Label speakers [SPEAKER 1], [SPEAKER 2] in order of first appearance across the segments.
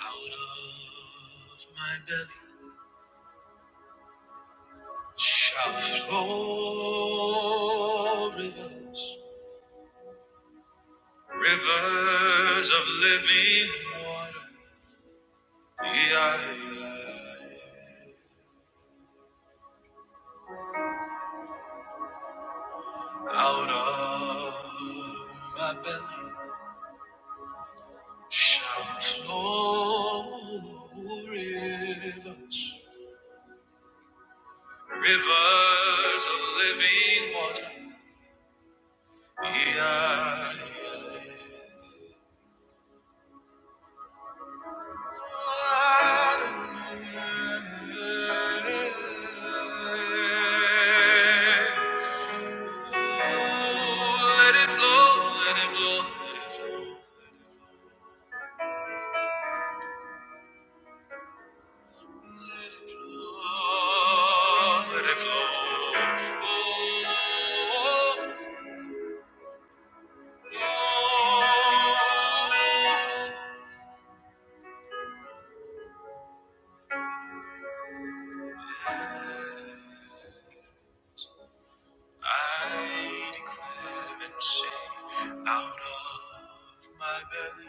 [SPEAKER 1] Out of my belly shall flow rivers, rivers of living water. E-I-I-I. Out of my belly shall flow rivers, rivers of living water. E-I-I-I. Let it flow, let it flow, let it flow. Let it flow, let it flow. Oh, oh, oh. I declare and say, out of my belly.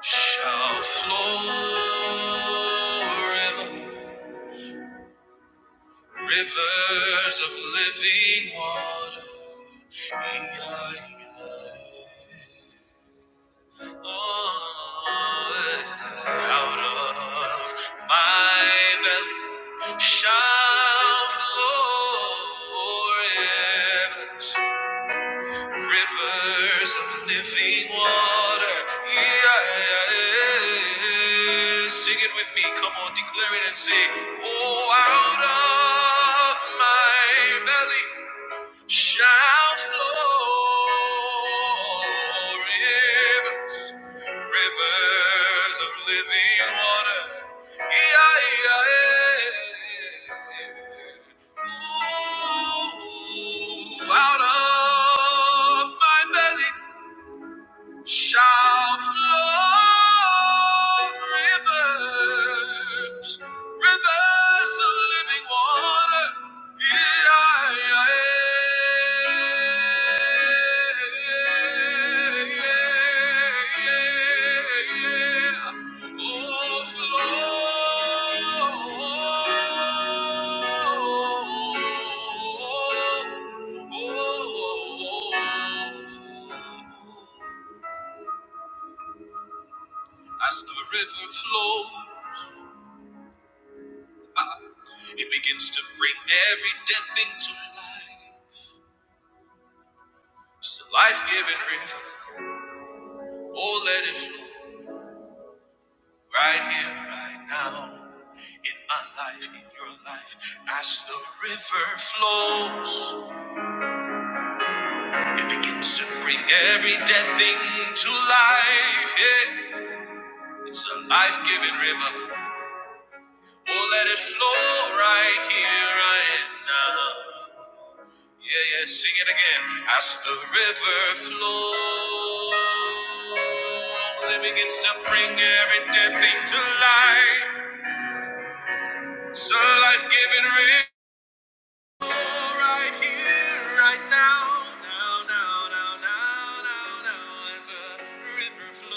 [SPEAKER 1] shall flow ever. Rivers of living water. Out of my belly shall flow rivers Rivers of living water. Yeah. yeah, yeah. Sing it with me. Come on, declare it and say, Oh, out of my belly shall flow rivers, rivers of living water. Yeah, yeah, Yeah. Ooh, out of my belly shall flow rivers, rivers of living water. Yeah, yeah, yeah, yeah, yeah. Oh, flow. oh. oh, oh, oh. As the river flows, it begins to bring every dead thing to life. It's a life giving river. Oh, let it flow right here, right now. In my life, in your life. As the river flows, it begins to bring every dead thing to life. Yeah. It's a life giving river. Oh, let it flow right here, right now. Yeah, yeah, sing it again. As the river flows, it begins to bring every dead thing to life. It's a life giving river. Right here, right now, now, now, now, now, now, as a river flows,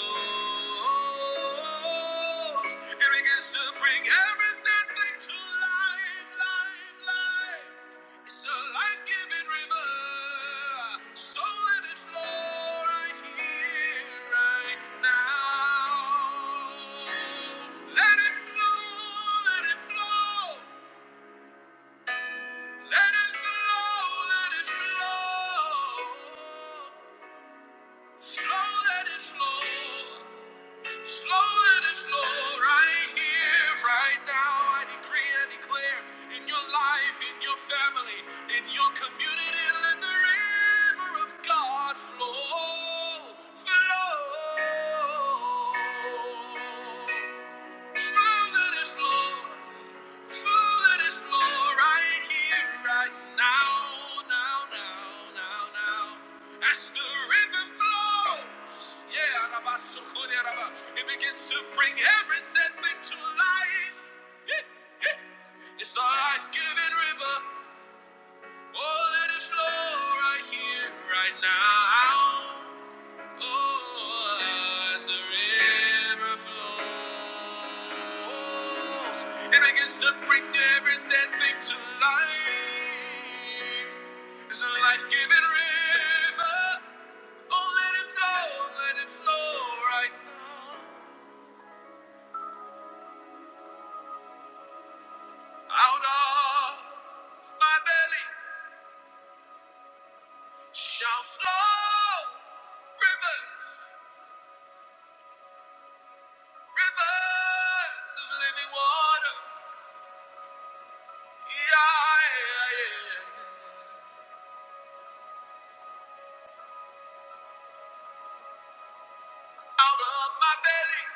[SPEAKER 1] it begins to bring everything back to life, life, life. It's a life-giving river, so let it flow right here, right now. Let it flow, let it flow. Let it flow, let it flow. Slow, let it flow. Slow, let it flow. Right here, right now, I decree and declare in your life, in your family, in your community, let the river of God flow. Flow. Slow, let it flow. Father, this law right here, right now, now, now, now, now. As the river flows, yeah, it begins to bring everything into life. Yeah. It's a life-giving river. Oh, let it flow right here, right now. Oh, as the river flows, it begins to bring every dead thing to life. It's a life-giving river. Oh, let it flow, let it flow right now. Out of my belly shall flow rivers, rivers of living water. Yeah, yeah, yeah. Out of my belly.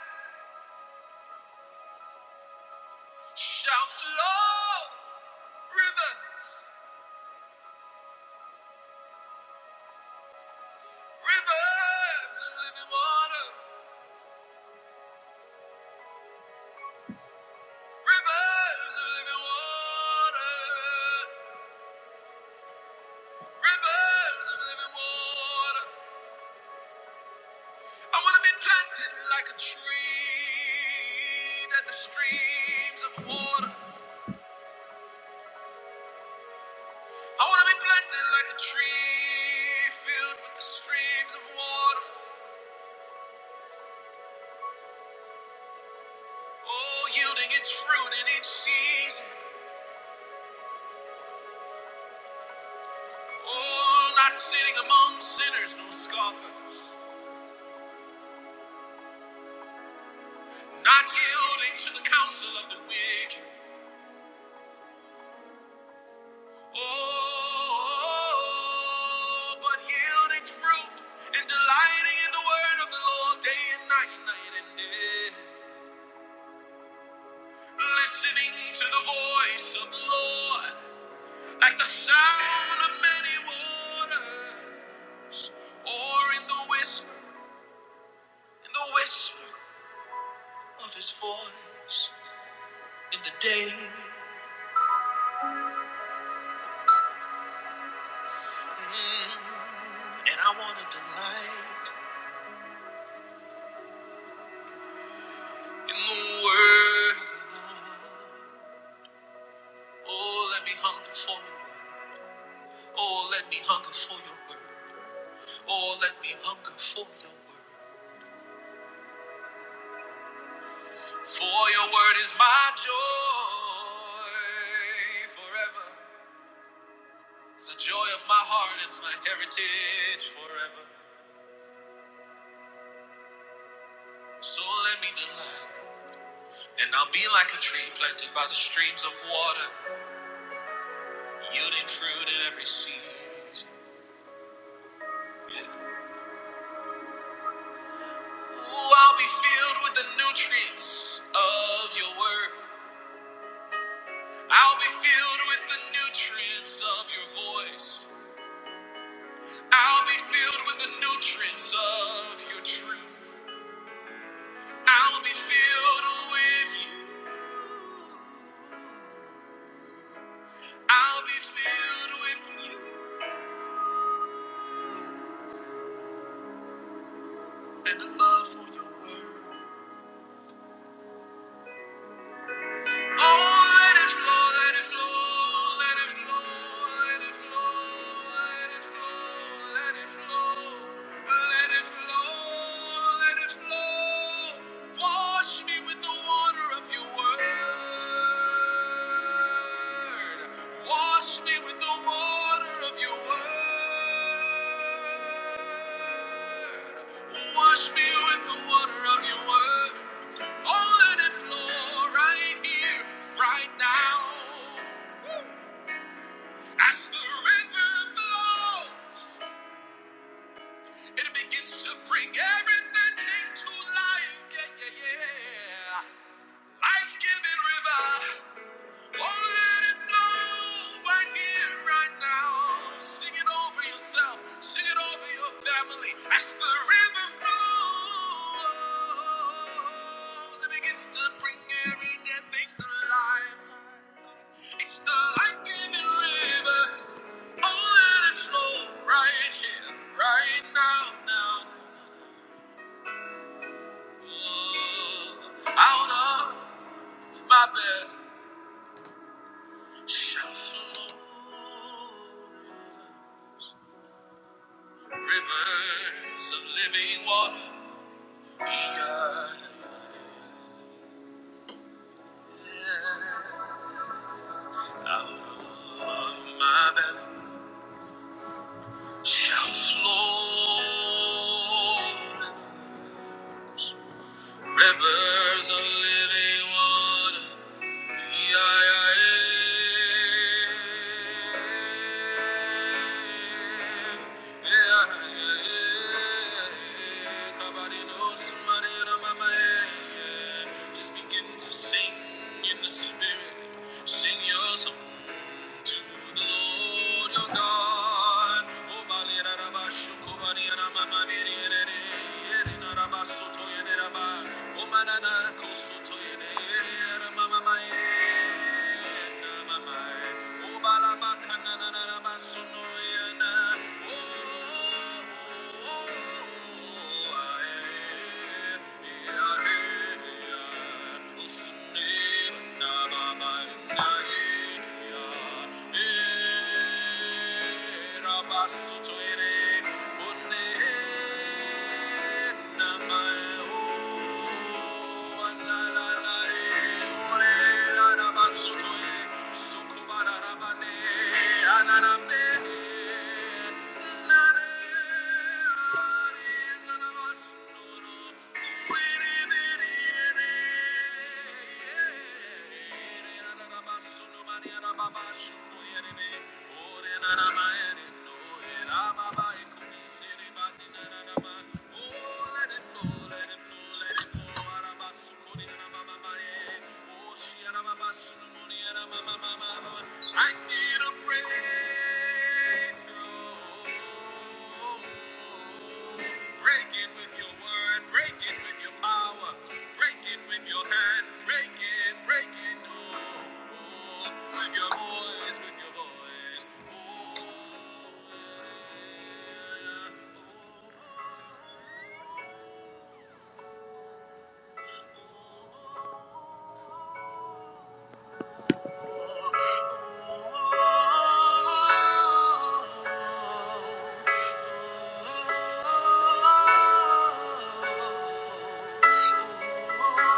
[SPEAKER 1] Shout low, rivers, rivers of living water, rivers of living water, rivers of living water. I want to be planted like a tree at the streams of water. I want to be planted like a tree filled with the streams of water. Oh, yielding its fruit in each season. Oh, not sitting among sinners, no scoffers. not yielding to the counsel of the wicked. Oh, but yielding fruit and delighting in the word of the Lord day and night, night and day. Listening to the voice of the Lord like the sound of many waters, or in the whisper, in the whisper of his voice in the day. Mm, and I want to delight. In the word, oh, let me hunger for your word. Oh, let me hunger for your word. Oh, let me hunger for your word. For your word is my joy forever. It's the joy of my heart and my heritage forever. So let me delight, and I'll be like a tree planted by the streams of water, yielding fruit in every season. Yeah. Ooh, I'll be filled with the nutrients of your word. I'll be filled with the nutrients of your voice. I'll be filled with the nutrients of your truth. I'll be filled with you. I'll be filled with you and the love for your word. Oh, let it flow, let it flow, let it flow, let it flow, let it flow, let it flow, let it flow, let it flow. Wash me with the water of your word. Wash me with the water of your word. Wash me with the water of your word. Oh, let it flow right here, right now. As the river flows, it begins to bring everything to life. Yeah, yeah, yeah. Life-giving river. Oh, let it blow right here, right now. Sing it over yourself, sing it over your family. As the river flows, it begins to bring every dead thing to life. It's the life-giving river. Oh, let it flow right here, right now, now. Oh, out of my bed shall flow. Rivers of living water. eager, Yeah. Out of my belly shall flow rivers of living water. Just begin to sing in the spirit. Sing your song to the Lord your God. Oh, Bali, Rabba, Shukobani, Ramamani, Rama, Omanana Kosoto Yere, Mama Mama Mama, Obalaba Kanana Masuno Yana, Rabasuto ere, Thank you. I Break it with your word, break it with your power, break it with your hand, break it, break it, oh, with your voice, with your voice. Oh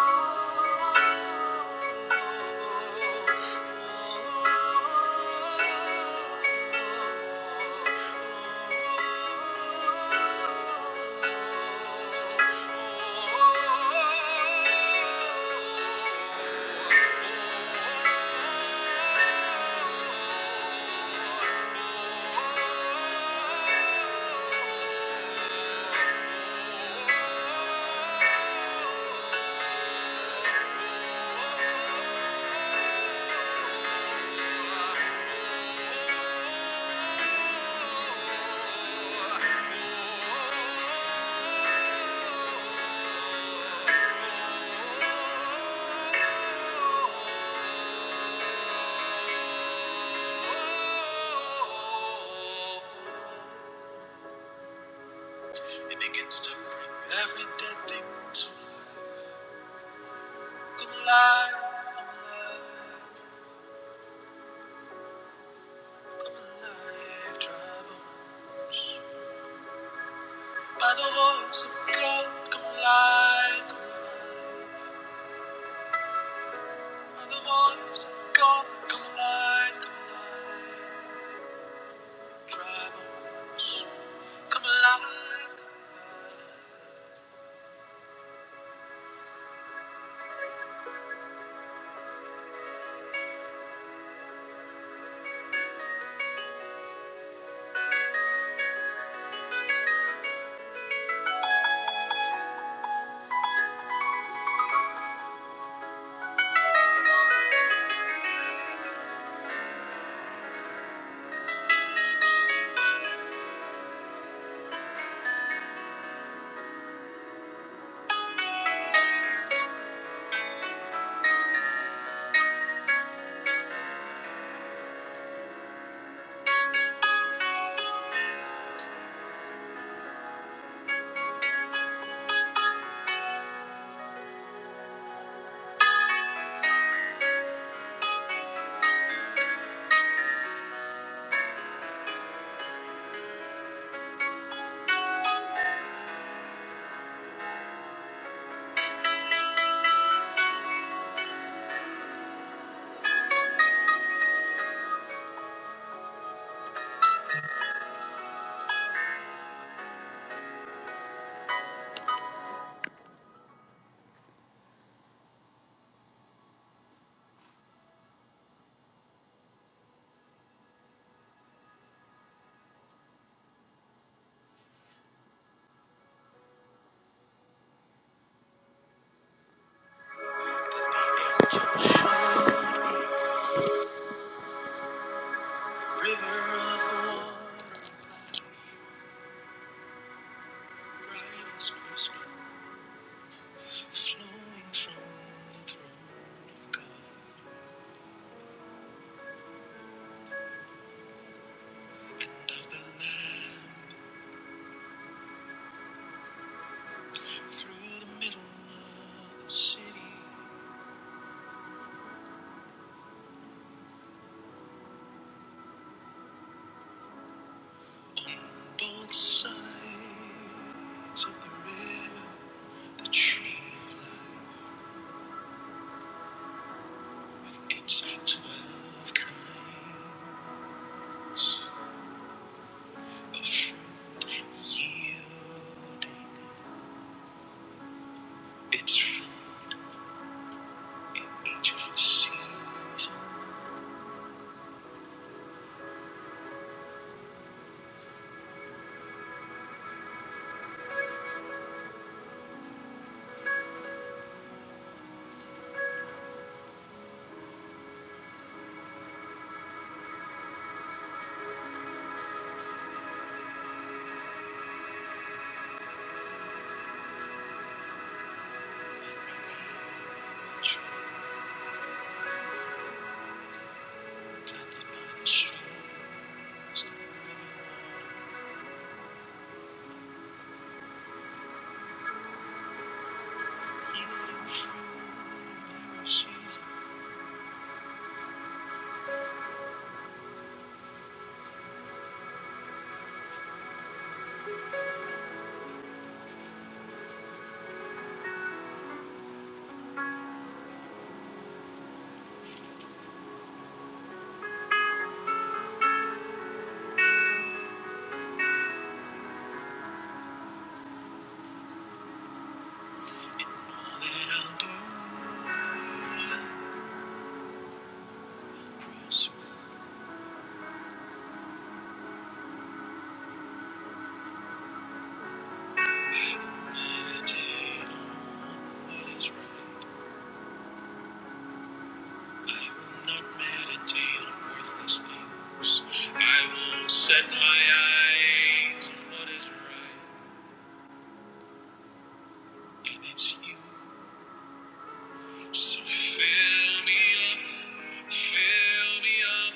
[SPEAKER 1] It begins to bring every dead thing to come alive, come alive, come alive, trouble. By the voice of God, come alive, come alive. By the voice of God, come alive, come alive, trouble. Come alive. The Angels showed me river of water, rise most flowing from the throne of God of the Lamb through the middle of the city, both sides of the river, the tree, its twelve kind, its fruit, each seed planted by the streams of the river. I will set my eyes on what is right, it's you. So fill me up, fill me up.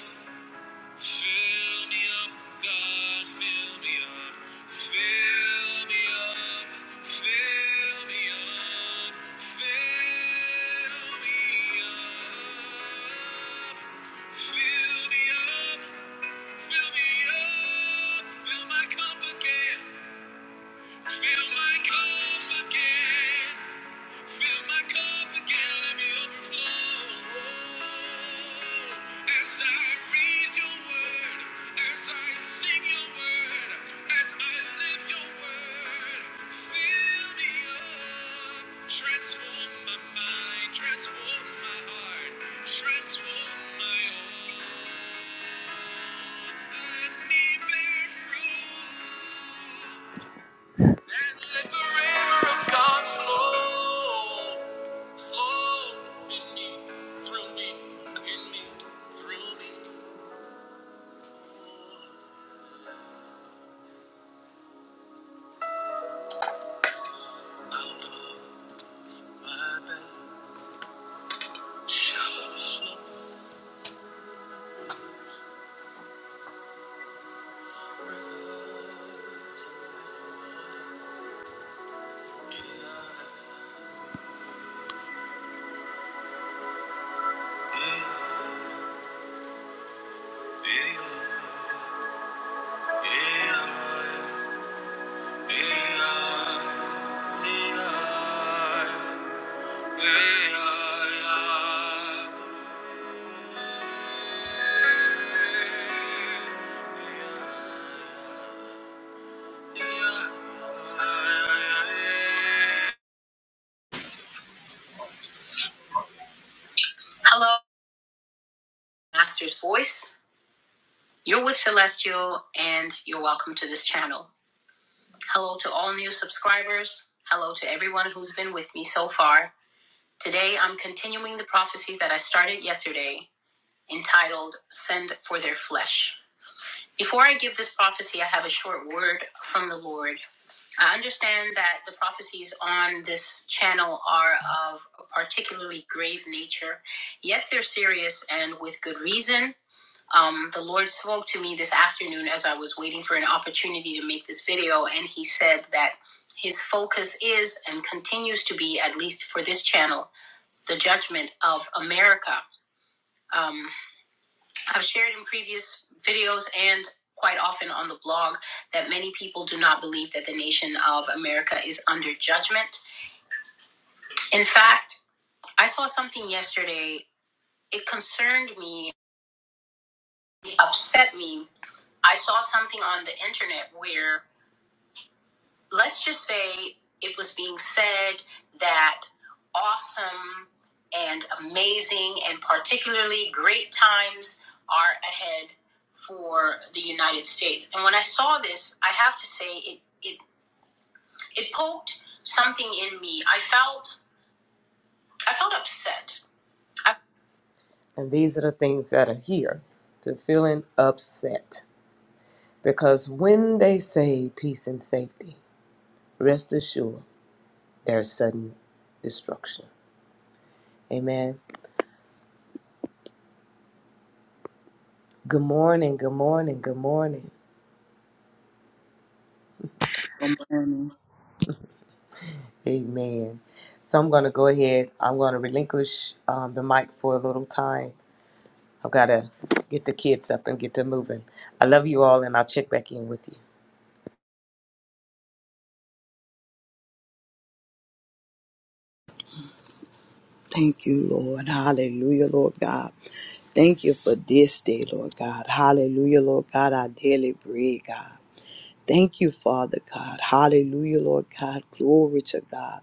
[SPEAKER 1] Fill me up, God, fill me up, fill me up, fill me up, fill me up. Fill me up, fill me up, fill my cup again, fill my cup again. Fill my cup again, let me overflow. As I read your word, as I sing your word, as I live your word, fill me up. Transform my mind, transform my heart, transform my all. Let me bear fruit. And let the river of God flow, flow in me, through me, in me, through me. Out of my belly shall flow rivers. Yeah, yeah, yeah, yeah, yeah, yeah, yeah. Hello, Master's Voice. You're with Celestial, and you're welcome to this channel. Hello to all new subscribers. Hello to everyone who's been with me so far. Today, I'm continuing the prophecy that I started yesterday entitled Send for Their Flesh. Before I give this prophecy, I have a short word from the Lord. I understand that the prophecies on this channel are of a particularly grave nature. Yes, they're serious and with good reason. Um, the Lord spoke to me this afternoon as I was waiting for an opportunity to make this video, and He said that His focus is and continues to be, at least for this channel, the judgment of America. Um, I've shared in previous videos and quite often on the blog that many people do not believe that the nation of America is under judgment. In fact, I saw something yesterday. It concerned me, it upset me. I saw something on the internet where let's just say it was being said that awesome and amazing and particularly great times are ahead for the United States. And when I saw this, I have to say it it, it poked something in me. I felt I felt upset. I- And these are the things that are here to feeling upset. Because when they say peace and safety, rest assured there's sudden destruction. Amen. Good morning, good morning, good morning.
[SPEAKER 2] Good
[SPEAKER 1] Amen. So I'm going to go ahead. I'm going to relinquish um, the mic for a little time. I've got to get the kids up and get them moving. I love you all, and I'll check back in with you.
[SPEAKER 2] Thank you, Lord. Hallelujah, Lord God. Thank you for this day, Lord God. Hallelujah, Lord God, our daily bread, God. Thank you, Father God. Hallelujah, Lord God. Glory to God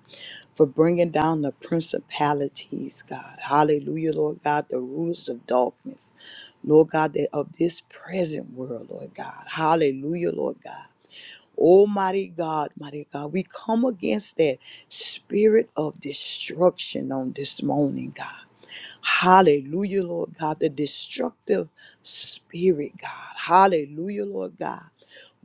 [SPEAKER 2] for bringing down the principalities, God. Hallelujah, Lord God, the rulers of darkness, Lord God, that of this present world, Lord God. Hallelujah, Lord God. Oh, mighty God, mighty God, we come against that spirit of destruction on this morning, God. Hallelujah, Lord God, the destructive spirit, God. Hallelujah, Lord God.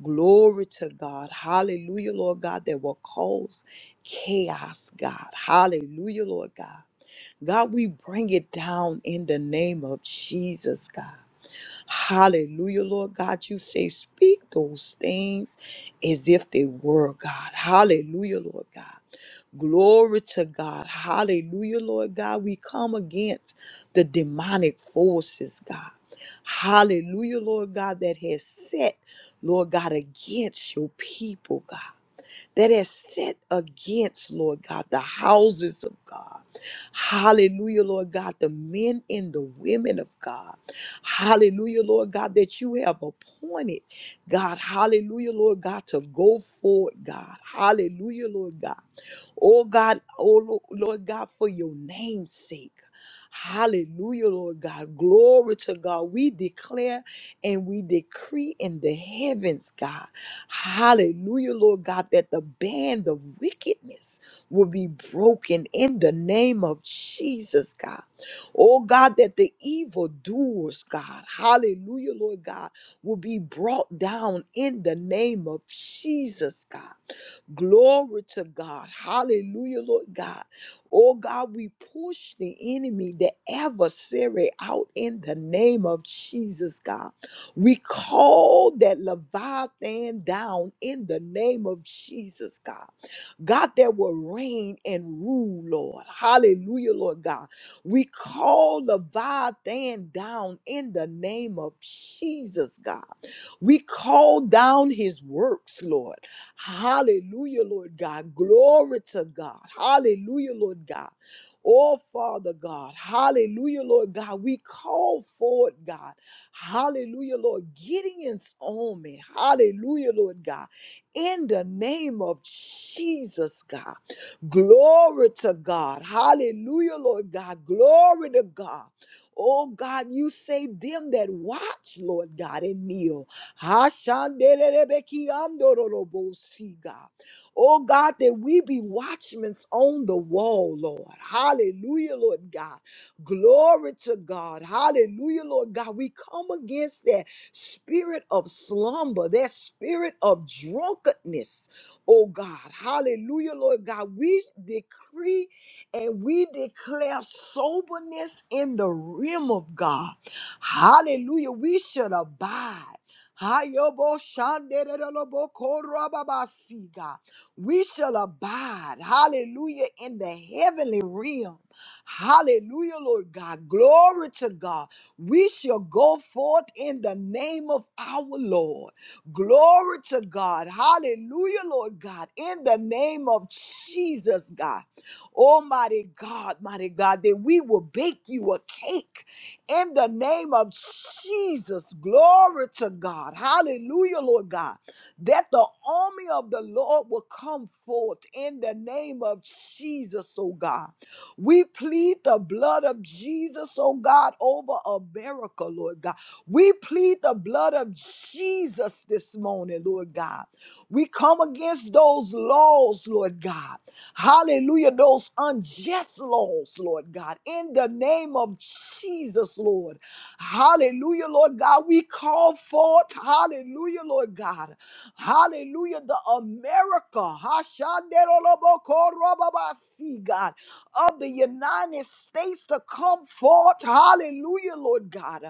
[SPEAKER 2] Glory to God. Hallelujah, Lord God, that will cause chaos, God. Hallelujah, Lord God. God, we bring it down in the name of Jesus, God. Hallelujah, Lord God. You say, speak those things as if they were God. Hallelujah, Lord God. Glory to God. Hallelujah, Lord God. We come against the demonic forces, God. Hallelujah, Lord God, that has set, Lord God, against your people, God. That has set against, Lord God, the houses of God. Hallelujah, Lord God, the men and the women of God. Hallelujah, Lord God, that you have appointed, God. Hallelujah, Lord God, to go forward, God. Hallelujah, Lord God. Oh God, oh Lo- Lord God, for your name's sake. Hallelujah, Lord God. Glory to God. We declare and we decree in the heavens, God, hallelujah, Lord God, that the band of wickedness will be broken in the name of Jesus, God. Oh God, that the evildoers, God, hallelujah, Lord God, will be brought down in the name of Jesus, God. Glory to God. Hallelujah, Lord God. Oh God, we push the enemy, the adversary out in the name of Jesus, God. We call that Leviathan down in the name of Jesus, God. God, that will reign and rule, Lord. Hallelujah, Lord God. We call Leviathan down in the name of Jesus, God. We call down his works, Lord. Hallelujah, Lord God. Glory to God. Hallelujah, Lord God. Oh, Father God. Hallelujah, Lord God. We call forward, God. Hallelujah, Lord. Gideon's army. Hallelujah, Lord God in the name of Jesus, God. Glory to God. Hallelujah, Lord God. Glory to God. Oh God, you save them that watch, Lord God, and kneel. Hashandererebekiandorolobosi, God. Oh God, that we be watchmen on the wall, Lord. Hallelujah, Lord God. Glory to God. Hallelujah, Lord God. We come against that spirit of slumber, that spirit of drunkenness, oh God. Hallelujah, Lord God. We decree and we declare soberness in the realm of God. Hallelujah. We should abide. Hayobo shandererolobo korababasi, God. We shall abide, hallelujah, in the heavenly realm. Hallelujah, Lord God. Glory to God we shall go forth in the name of our Lord. Glory to God. Hallelujah, Lord God. In the name of Jesus, God. Almighty God, mighty God, that we will bake you a cake in the name of Jesus. Glory to God. Hallelujah, Lord God. That the army of the Lord will come forth in the name of Jesus, oh God. We plead the blood of Jesus, oh God, over America, Lord God. We plead the blood of Jesus this morning, Lord God. We come against those laws, Lord God. Hallelujah, those unjust laws, Lord God, in the name of of Jesus, Lord. Hallelujah, Lord God. We call forth, hallelujah, Lord God. Hallelujah, the America, Hashanderolobokorobabasi, God, of the United States to come forth, hallelujah, Lord God,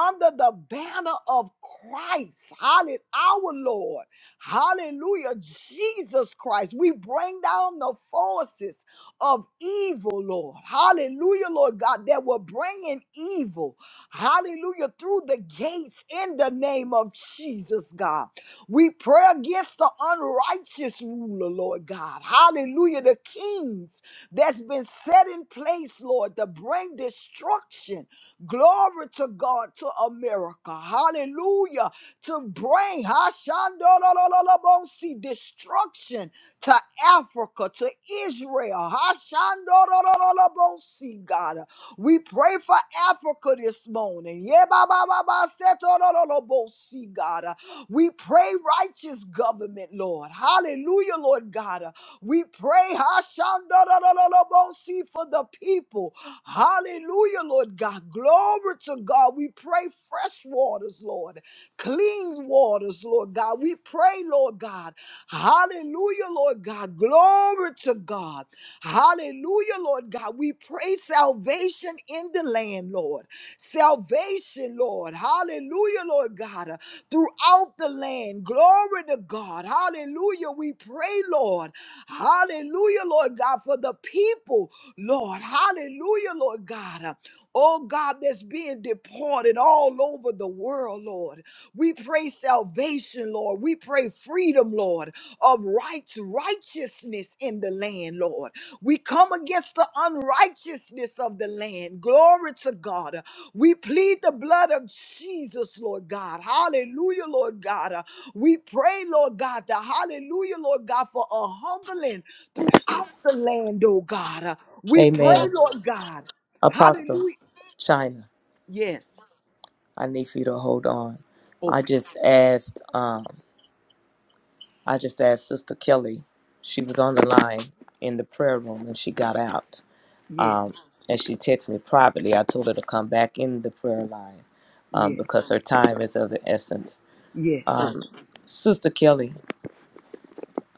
[SPEAKER 2] under the banner of Christ, hallelujah, our Lord. Hallelujah, Jesus Christ. We bring down the forces of evil, Lord. Hallelujah, Lord God, that will bring in evil. Hallelujah, through the gates in the name of Jesus, God. We pray against the unrighteous ruler, Lord God. Hallelujah, the kings that's been set in place, Lord, to bring destruction. Glory to God, to America. Hallelujah, to bring Hashandolololobosi, destruction to Africa, to Israel. Hashandorororobosi, God. We pray for Africa this morning. Yebabababa, setorororobosi, God. We pray righteous government, Lord. Hallelujah, Lord God. Uh, We pray Hashandarararabosi, for the people. Hallelujah, Lord God. Glory to God. We pray fresh waters, Lord. Clean waters, Lord God. We pray, Lord God. Hallelujah, Lord God. Glory to to God. Hallelujah, Lord God. We pray salvation in the land, Lord. Salvation, Lord. Hallelujah, Lord God. Uh, Throughout the land. Glory to God. Hallelujah. We pray, Lord. Hallelujah, Lord God, for the people, Lord. Hallelujah, Lord God. uh, oh God, that's being deported all over the world, Lord. We pray salvation, Lord. We pray freedom, Lord, of right righteousness in the land, Lord. We come against the unrighteousness of the land. Glory to God. We plead the blood of Jesus, Lord God. Hallelujah, Lord God. Uh, We pray, Lord God, the hallelujah, Lord God, for a humbling throughout the land, oh God. Uh, We pray,
[SPEAKER 1] Amen.
[SPEAKER 2] Lord God.
[SPEAKER 1] Apostle
[SPEAKER 2] Hallelujah
[SPEAKER 1] China,
[SPEAKER 2] Yes.
[SPEAKER 1] I need for you to hold on. I
[SPEAKER 2] Okay.
[SPEAKER 1] just asked. Um, I just asked Sister Kelly. She was on the line in the prayer room, and she got out.
[SPEAKER 2] Yes.
[SPEAKER 1] um, and she texted me privately. I told her to come back in the prayer line um,
[SPEAKER 2] Yes.
[SPEAKER 1] because her time is of the essence.
[SPEAKER 2] Yes.
[SPEAKER 1] Um, Sister Kelly,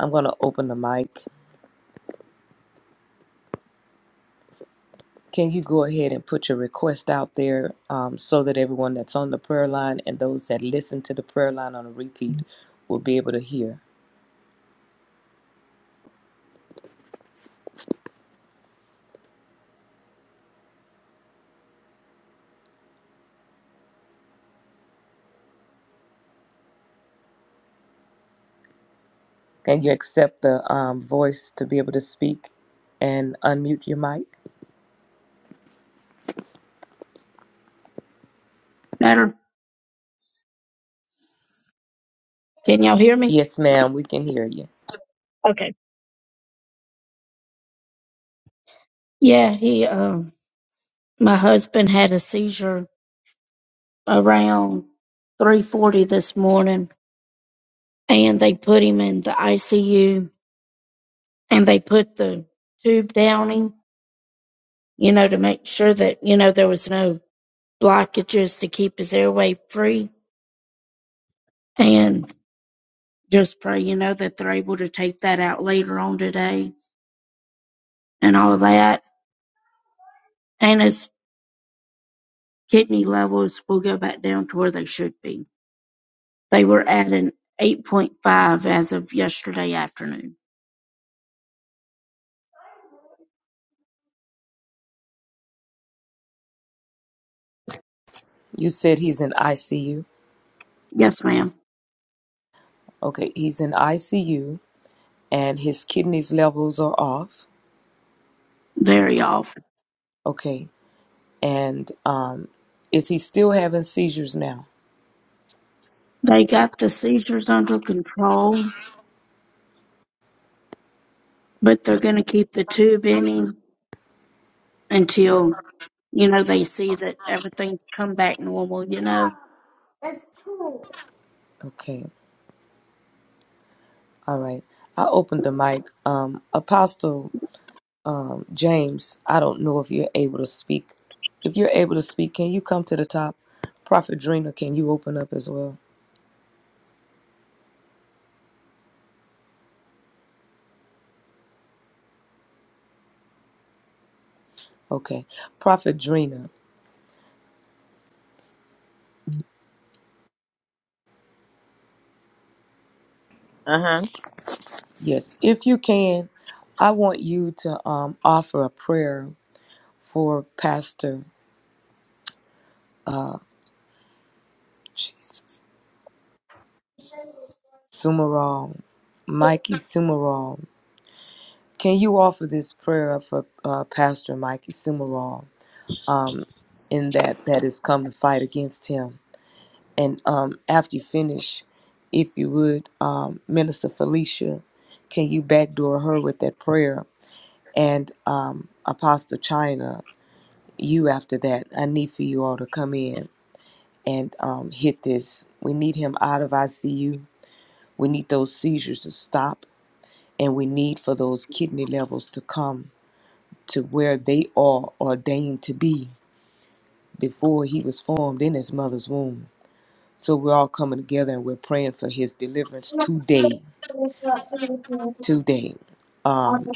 [SPEAKER 1] I'm going to open the mic. Can you go ahead and put your request out there um, so that everyone that's on the prayer line and those that listen to the prayer line on a repeat will be able to hear? Can you accept the um, voice to be able to speak and unmute your mic?
[SPEAKER 3] Matter, can y'all hear me?
[SPEAKER 1] Yes, ma'am, we can hear you.
[SPEAKER 3] Okay. Yeah, he, um, my husband had a seizure around 3:40 this morning, and they put him in the ICU, and they put the tube down him, you know, to make sure that you know there was no blockages to keep his airway free, and just pray, you know, that they're able to take that out later on today and all of that, and his kidney levels will go back down to where they should be. They were at an 8.5 as of yesterday afternoon.
[SPEAKER 1] You said he's in ICU.
[SPEAKER 3] Yes, ma'am.
[SPEAKER 1] Okay, he's in ICU and his kidneys levels are off.
[SPEAKER 3] Very off.
[SPEAKER 1] Okay. And um, is he still having seizures now?
[SPEAKER 3] They got the seizures under control, but they're going to keep the tube in him until, you know, they see that everything's come back normal, you know.
[SPEAKER 1] Okay. All right. I opened the mic. Um, Apostle um, James, I don't know if you're able to speak. If you're able to speak, can you come to the top? Prophet Drina, can you open up as well? Okay. Prophet Drina,
[SPEAKER 4] Uh huh.
[SPEAKER 1] yes. If you can, I want you to um, offer a prayer for Pastor. Uh, Jesus. Sumerall, Mikey Sumerall. Can you offer this prayer for uh, Pastor Mikey Sumerall um, in that that has come to fight against him? And um, after you finish, if you would, um, Minister Felicia, can you backdoor her with that prayer? And um, Apostle China, you after that. I need for you all to come in and um, hit this. We need him out of ICU. We need those seizures to stop. and we need for those kidney levels to come to where they are ordained to be before he was formed in his mother's womb. So we're all coming together and we're praying for his deliverance today, today. Um,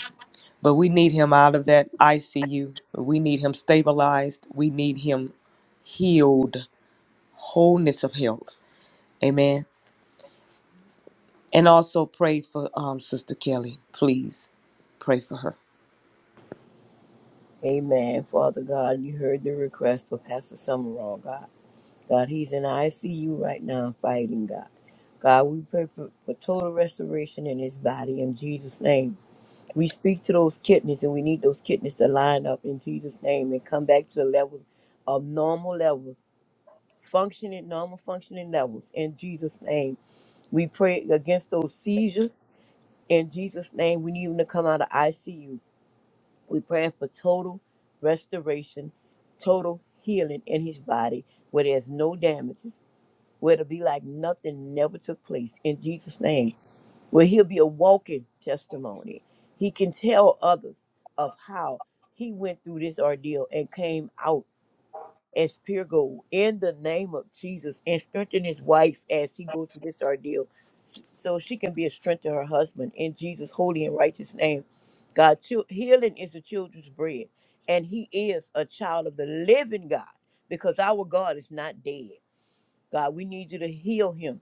[SPEAKER 1] but we need him out of that ICU. We need him stabilized. We need him healed, wholeness of health. Amen. And also pray for um, Sister Kelly, please. Pray for her.
[SPEAKER 4] Amen. Father God, you heard the request for Pastor Summerall, God. God, he's in the ICU right now fighting, God. God, we pray for, for total restoration in his body in Jesus' name. We speak to those kidneys and we need those kidneys to line up in Jesus' name and come back to the levels of normal levels, functioning, normal functioning levels in Jesus' name. We pray against those seizures in Jesus' name. We need them to come out of ICU. We pray for total restoration, total healing in his body where there's no damages, where it'll be like nothing never took place in Jesus' name, where he'll be a walking testimony. He can tell others of how he went through this ordeal and came out as pure gold in the name of Jesus and strengthen his wife as he goes through this ordeal s- so she can be a strength to her husband in Jesus' holy and righteous name. God, chil- healing is the children's bread, and he is a child of the living God because our God is not dead. God, we need you to heal him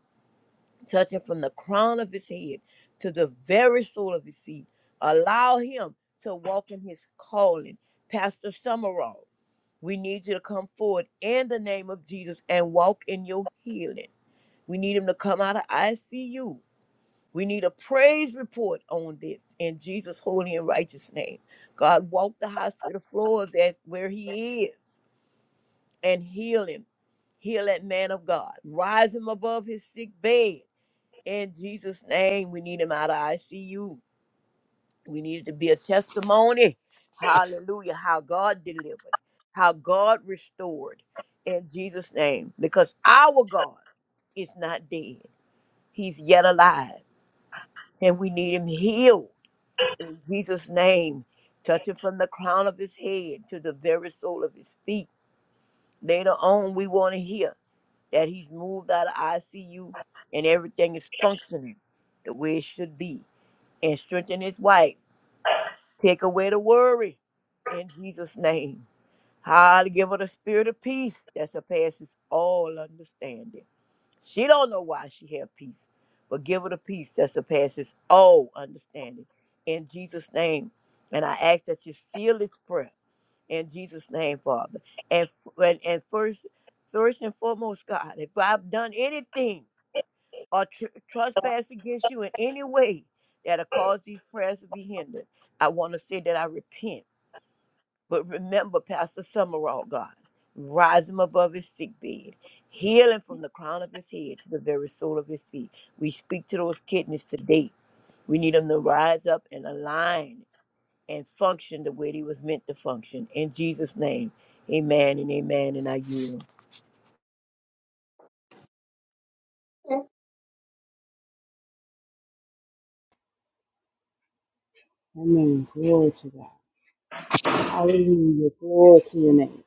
[SPEAKER 4] touching from the crown of his head to the very sole of his feet. Allow him to walk in his calling. Pastor Summerall, we need you to come forward in the name of Jesus and walk in your healing. We need him to come out of ICU. We need a praise report on this in Jesus' holy and righteous name. God, walk the hospital floors as where he is and heal him. Heal that man of God. Rise him above his sick bed in Jesus' name, we need him out of ICU. We need it to be a testimony. Hallelujah. How God delivered, how God restored in Jesus' name. Because our God is not dead, He's yet alive. And we need Him healed in Jesus' name. Touch him from the crown of his head to the very sole of his feet. Later on, we want to hear that he's moved out of ICU and everything is functioning the way it should be and strengthen his wife. Take away the worry in Jesus' name. How to give her the spirit of peace that surpasses all understanding. She don't know why she have peace, but give her the peace that surpasses all understanding. In Jesus' name. And I ask that you seal this prayer in Jesus' name, Father. And and, and first first and foremost, God, if I've done anything or tr- trespass against you in any way that'll cause these prayers to be hindered, I want to say that I repent. But remember, Pastor Summerall, God, rise him above his sick bed, heal him from the crown of his head to the very sole of his feet. We speak to those kidneys today. We need them to rise up and align and function the way they was meant to function. In Jesus' name, amen and amen. And I yield.
[SPEAKER 5] Amen. Glory to God. Hallelujah. Glory to your name.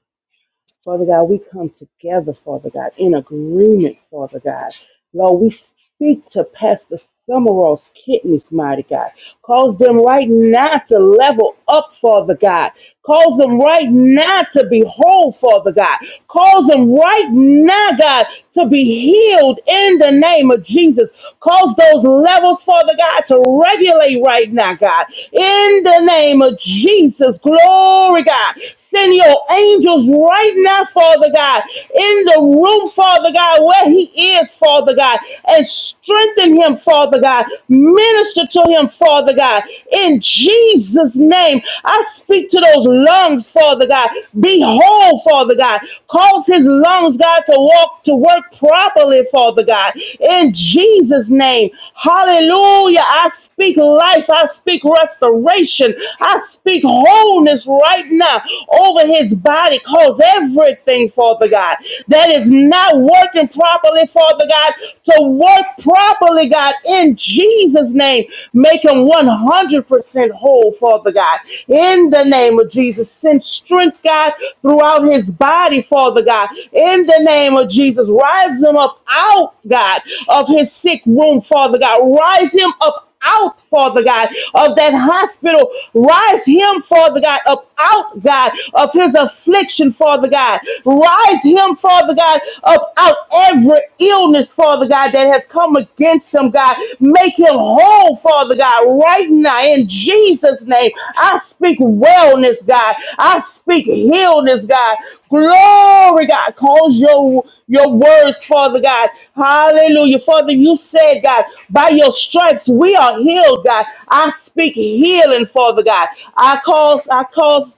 [SPEAKER 5] Father God, we come together, Father God, in agreement, Father God. Lord, we speak to Pastor Summerall's kidneys, mighty God. Cause them right now to level up, Father God. Cause them right now to be whole, Father God. Cause them right now, God, to be healed in the name of Jesus. Cause those levels, Father God, to regulate right now, God. In the name of Jesus, glory, God. Send your angels right now, Father God, in the room, Father God, where he is, Father God, and Strengthen him, Father God. Minister to him, Father God. In Jesus' name, I speak to those lungs, Father God. Be whole, Father God. Cause his lungs, God, to walk, to work properly, Father God. In Jesus' name. Hallelujah. I speak life. I speak restoration. I speak wholeness right now over his body. Cause everything, Father God, that is not working properly, Father God, to work properly, God, in Jesus' name. Make him 100% whole, Father God. In the name of Jesus, send strength, God, throughout his body, Father God. In the name of Jesus, rise him up out, God, of his sick room, Father God. Rise him up out, Father God, of that hospital. Rise him, Father God, up out, God, of his affliction, Father God. Rise him, Father God, up out every illness, Father God, that has come against him, God. Make him whole, Father God, right now in Jesus. Jesus' name. I speak wellness, God. I speak healness, God. Glory, God. Cause your your words, Father God. Hallelujah. Father, you said, God, by your stripes we are healed, God. I speak healing, Father God. I cause, I cause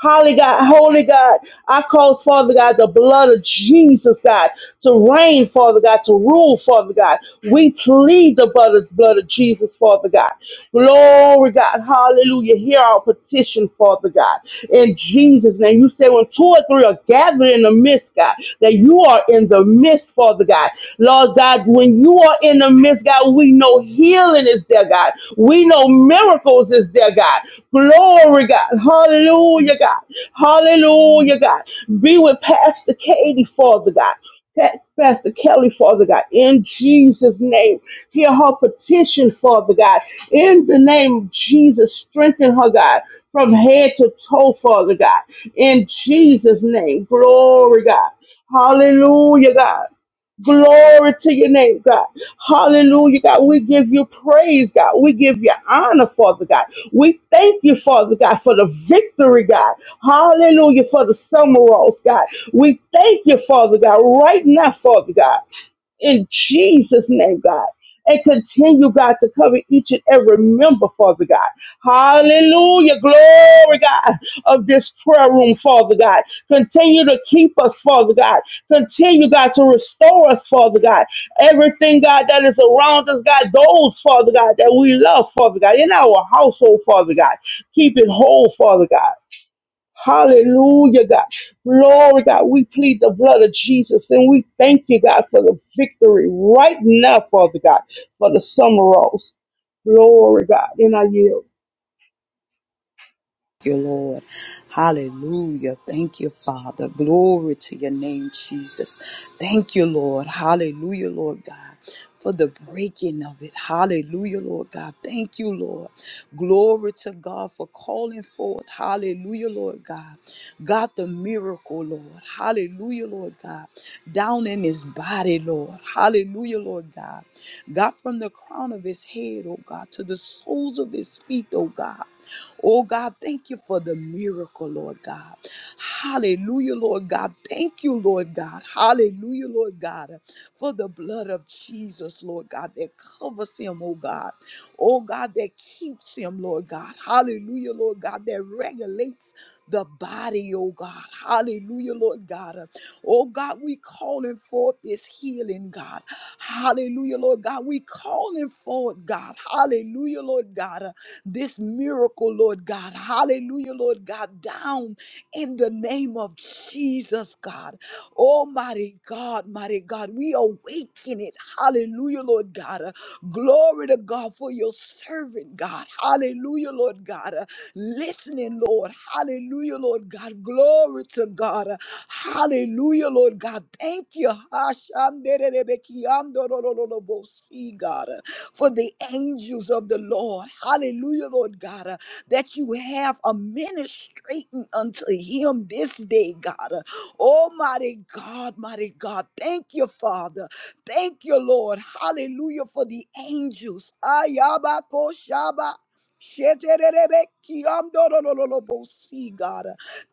[SPEAKER 5] Holy God, holy God, I cause, Father God, the blood of Jesus, God, to reign, Father God, to rule, Father God. We plead the blood of, blood of Jesus, Father God. Glory, God, hallelujah. Hear our petition, Father God. In Jesus' name, you say when two or three are Gather in the midst, God, that you are in the midst, Father God. Lord God, when you are in the midst, God, we know healing is there, God. We know miracles is there, God. Glory, God. Hallelujah, God. Hallelujah, God. Be with Pastor Katie, Father God. Pa- Pastor Kelly, Father God, in Jesus' name. Hear her petition, Father God. In the name of Jesus, strengthen her, God, from head to toe, Father God. In Jesus' name, glory, God. Hallelujah, God. Glory to your name, God. Hallelujah, God. We give you praise, God. We give you honor, Father God. We thank you, Father God, for the victory, God. Hallelujah, for the summer rose, God. We thank you, Father God, right now, Father God in Jesus' name, God. And continue, God, to cover each and every member, Father God. Hallelujah. Glory, God, of this prayer room, Father God. Continue to keep us, Father God. Continue, God, to restore us, Father God. Everything, God, that is around us, God, those, Father God, that we love, Father God, in our household, Father God. Keep it whole, Father God. Hallelujah, God. Glory, God. We plead the blood of Jesus and we thank you, God, for the victory right now, Father God, for the summer rose. Glory, God. And I yield.
[SPEAKER 2] Thank you, Lord. Hallelujah. Thank you, Father. Glory to your name, Jesus. Thank you, Lord. Hallelujah, Lord God, for the breaking of it. Hallelujah, Lord God. Thank you, Lord. Glory to God for calling forth. Hallelujah, Lord God. God, the miracle, Lord. Hallelujah, Lord God. Down in his body, Lord. Hallelujah, Lord God. God, from the crown of his head, oh God, to the soles of his feet, oh God. Oh God, thank you for the miracle, Lord God. Hallelujah, Lord God. Thank you, Lord God. Hallelujah, Lord God, for the blood of Jesus, Lord God, that covers him, oh God. Oh God, that keeps him, Lord God. Hallelujah, Lord God, that regulates the body, oh God. Hallelujah, Lord God. Oh God, we calling forth this is healing, God. Hallelujah, Lord God. We calling forward, God. Hallelujah, Lord God. uh, This miracle, Lord God. Hallelujah, Lord God. Down in the name of Jesus, God. Almighty God, mighty God. We awaken it. Hallelujah, Lord God. Uh, Glory to God for your servant, God. Hallelujah, Lord God. Uh, listening, Lord. Hallelujah, Lord God. Glory to God. Hallelujah, Lord God. Thank you. Hashandererebekiandorororobosi, God, for the angels of the Lord. Hallelujah, Lord God, that you have a ministrating unto him this day, God. Almighty God, mighty God. Thank you, Father. Thank you, Lord. Hallelujah for the angels. Ayabako Shetererebekiandorororobosi, God.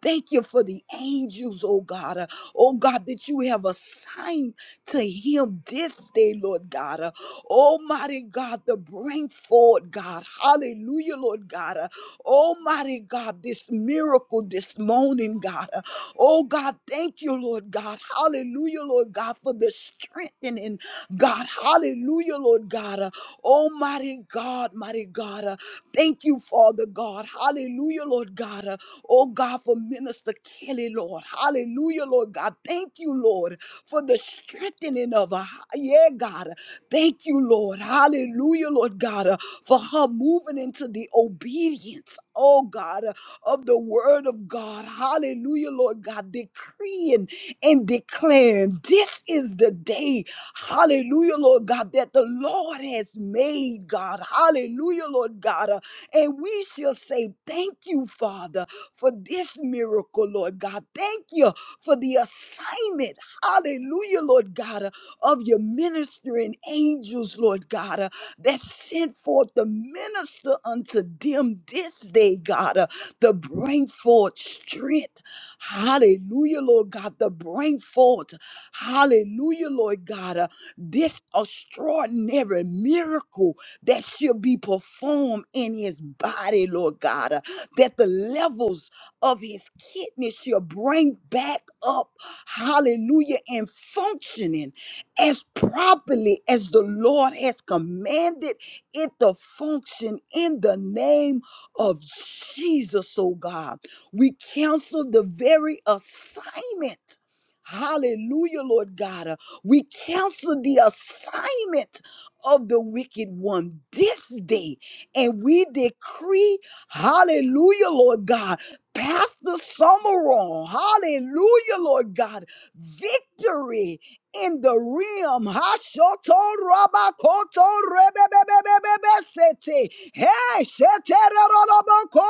[SPEAKER 2] Thank you for the angels, oh God. Oh God, that you have assigned to him this day, Lord God. Uh, Almighty God, to bring forward, God. Hallelujah, Lord God. Uh, Almighty God, this miracle this morning, God. Uh, Oh God, thank you, Lord God. Hallelujah, Lord God, for the strengthening, God. Hallelujah, Lord God. Uh, Almighty God, mighty God. Uh, Thank you, Father God. Hallelujah, Lord God. Uh, Oh God, for Minister Kelly, Lord. Hallelujah, Lord God. Thank you, Lord for the strengthening of her. Yeah, God. Thank you, Lord. Hallelujah, Lord God, uh, for her moving into the obedience, oh God, uh, of the word of God. Hallelujah, Lord God, decreeing and declaring this is the day, hallelujah, Lord God, that the Lord has made, God. Hallelujah, Lord God. uh, And we shall say, Thank you, Father, for this miracle, Lord God. Thank you for the assignment Hallelujah, Lord God, uh, of your ministering angels, Lord God, uh, that sent forth the minister unto them this day, God, uh, to bring forth strength. Hallelujah, Lord God, to bring forth. Hallelujah, Lord God. Uh, this extraordinary miracle that should be performed in his body, Lord God. Uh, that the levels of his kidneys shall bring back up, hallelujah, and functioning as properly as the Lord has commanded it to function in the name of Jesus, oh God. We cancel the very assignment. Hallelujah, Lord God. Uh, We cancel the assignment of the wicked one this day. And we decree, hallelujah, Lord God. Pastor Summerall, hallelujah, Lord God. Victory in the realm. Hashoto rabakoto rebebebebebebesete. Hey, sheteroroboko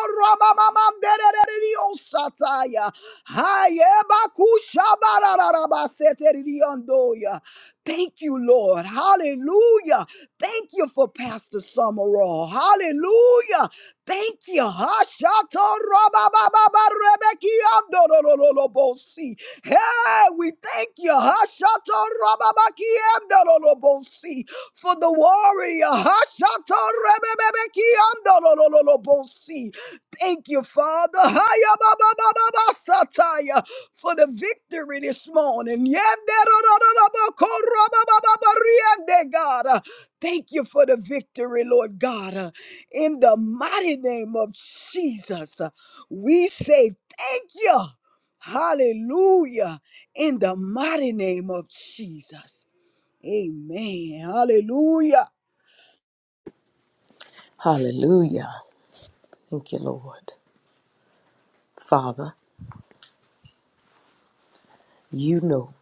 [SPEAKER 2] rabamamamderereriosataya. Hayebakushabarararabaseteririondoya. Thank you, Lord. Hallelujah. Thank you for Pastor Summerall. Hallelujah. Thank you. Hashatorabababarabakiandorololobosi. Hey, we thank you. Hashatorabababarabakiandorololobosi. For the warrior. Hashatorabababarabakiandorololobosi. Thank you, Father, Haya ba ba ba ba ba sataya, for the victory this morning. Yende ro ro ro ro bo ko ro ba ba ba ba riende, God. Uh, Thank you for the victory, Lord God. Uh, In the mighty name of Jesus, uh, we say thank you. Hallelujah. In the mighty name of Jesus. Amen. Hallelujah.
[SPEAKER 1] Hallelujah. Thank you, Lord. Father. You know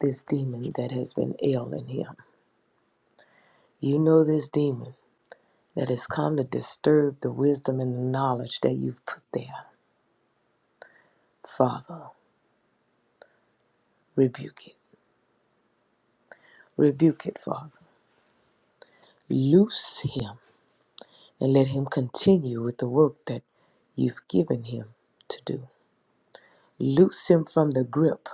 [SPEAKER 1] this demon that has been ill in him. You know this demon that has come to disturb the wisdom and the knowledge that you've put there. Father, rebuke it. Rebuke it, Father. Loose him and let him continue with the work that you've given him to do. Loose him from the grip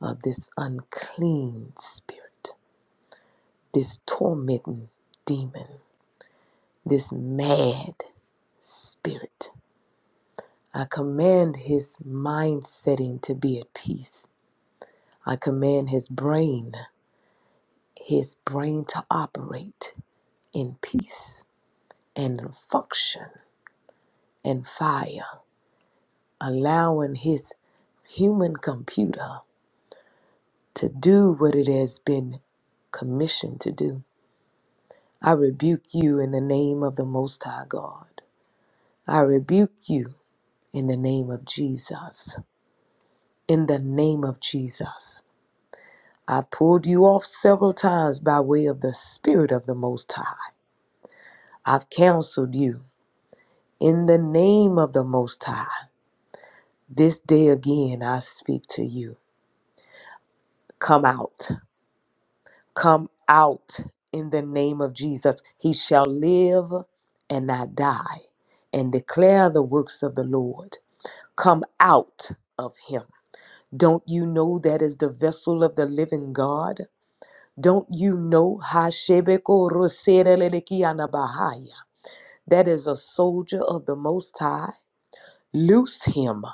[SPEAKER 1] of this unclean spirit, this tormenting demon, this mad spirit I command his mind setting to be at peace. I command his brain, his brain to operate in peace and function and fire, allowing his human computer to do what it has been commissioned to do. I rebuke you in the name of the Most High God. I rebuke you in the name of Jesus. In the name of Jesus. I've pulled you off several times by way of the Spirit of the Most High. I've counseled you in the name of the Most High. This day again, I speak to you. Come out. Come out in the name of Jesus. He shall live and not die and declare the works of the Lord. Come out of him. Don't you know that is the vessel of the living God? Don't you know Hashebeko Roserelekiana Bahaya? That is a soldier of the Most High. Loose him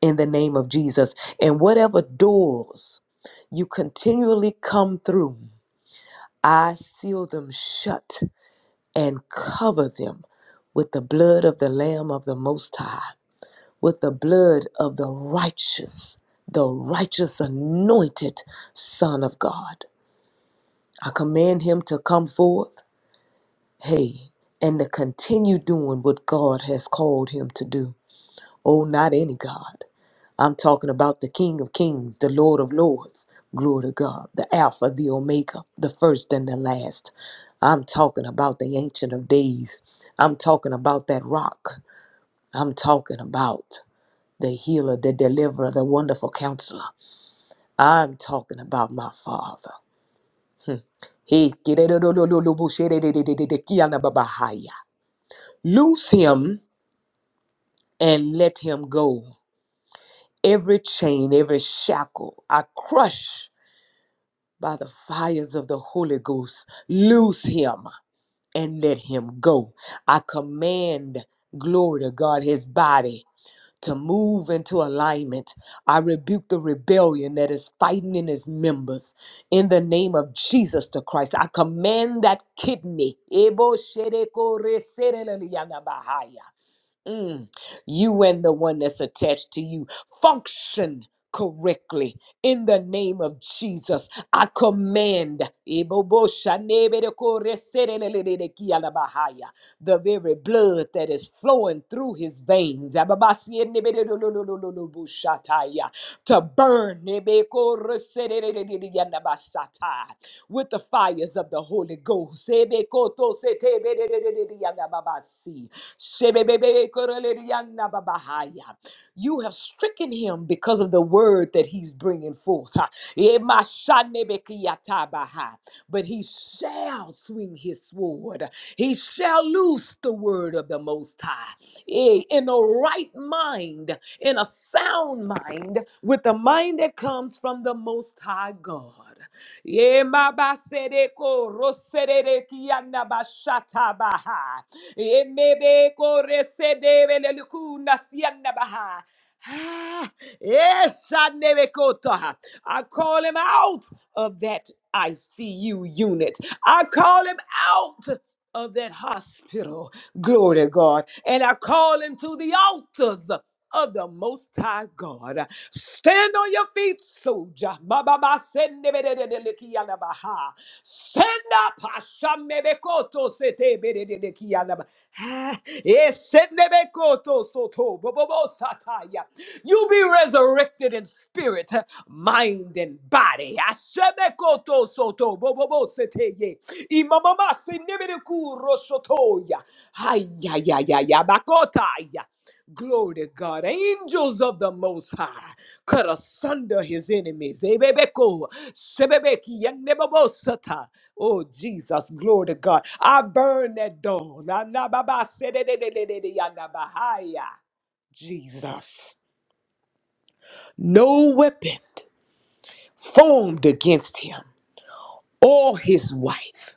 [SPEAKER 1] in the name of Jesus. And whatever doors you continually come through, I seal them shut and cover them with the blood of the Lamb of the Most High, with the blood of the righteous, the righteous anointed Son of God. I command him to come forth. hey, and to continue doing what God has called him to do. Oh, not any God. I'm talking about the King of Kings, the Lord of Lords. Glory to God, the Alpha, the Omega, the first and the last. I'm talking about the Ancient of Days. I'm talking about that rock. I'm talking about the healer, the deliverer, the wonderful counselor. I'm talking about my Father. Hmm. Hey, Loose him and let him go. Every chain, every shackle I crush by the fires of the Holy Ghost. Loose him and let him go. I command, glory to God, his body to move into alignment. I rebuke the rebellion that is fighting in his members. In the name of Jesus the Christ, I command that kidney. Ebo shereko reserele yanabahaya. Mm. You and the one that's attached to you function correctly in the name of Jesus. I command the very blood that is flowing through his veins to burn with the fires of the Holy Ghost. Ebekoto sete bedededeyanda You have stricken him because of the word that he's bringing forth. Ha. Emashanebekiyatabaha. But he shall swing his sword. He shall loose the word of the Most High. Eh, In a right mind, in a sound mind, with the mind that comes from the Most High God. Yemabasedeko rosererekiana bashata baha. Yemebeko resedebelelukuna siana baha. Ah, eshanebekota. I call him out of that ICU unit. I call him out of that hospital. Glory to God. And I call him to the altars of the Most High God. Stand on your feet, soldier. Ba, ba, ba, sende, be, de, de, de, le, ki, ala, ba, ha. Stand up. Hashem, me, be, koto, se, te, be, de, de, de, ki, ala, ba, ha. Eh, sende, be, koto, so, to, bo, bo, bo, sa, ta, ya. You be resurrected in spirit, mind, and body. Hashem, me, koto, so, to, bo, bo, bo, se, te, ye. Imamama, sende, be, de, ku, ro, so, to, ya. Ay, ya, ya, ya, ya, ba, ya. Glory to God. Angels of the Most High cut asunder his enemies. Ebebeko, shebebeki, yanebabosata. Oh, Jesus. Glory to God. I burn that door. Na- na- ba- ba- se- de- de- de- de- de- de- ya- na- ba- ha- ya. Jesus. No weapon formed against him or his wife.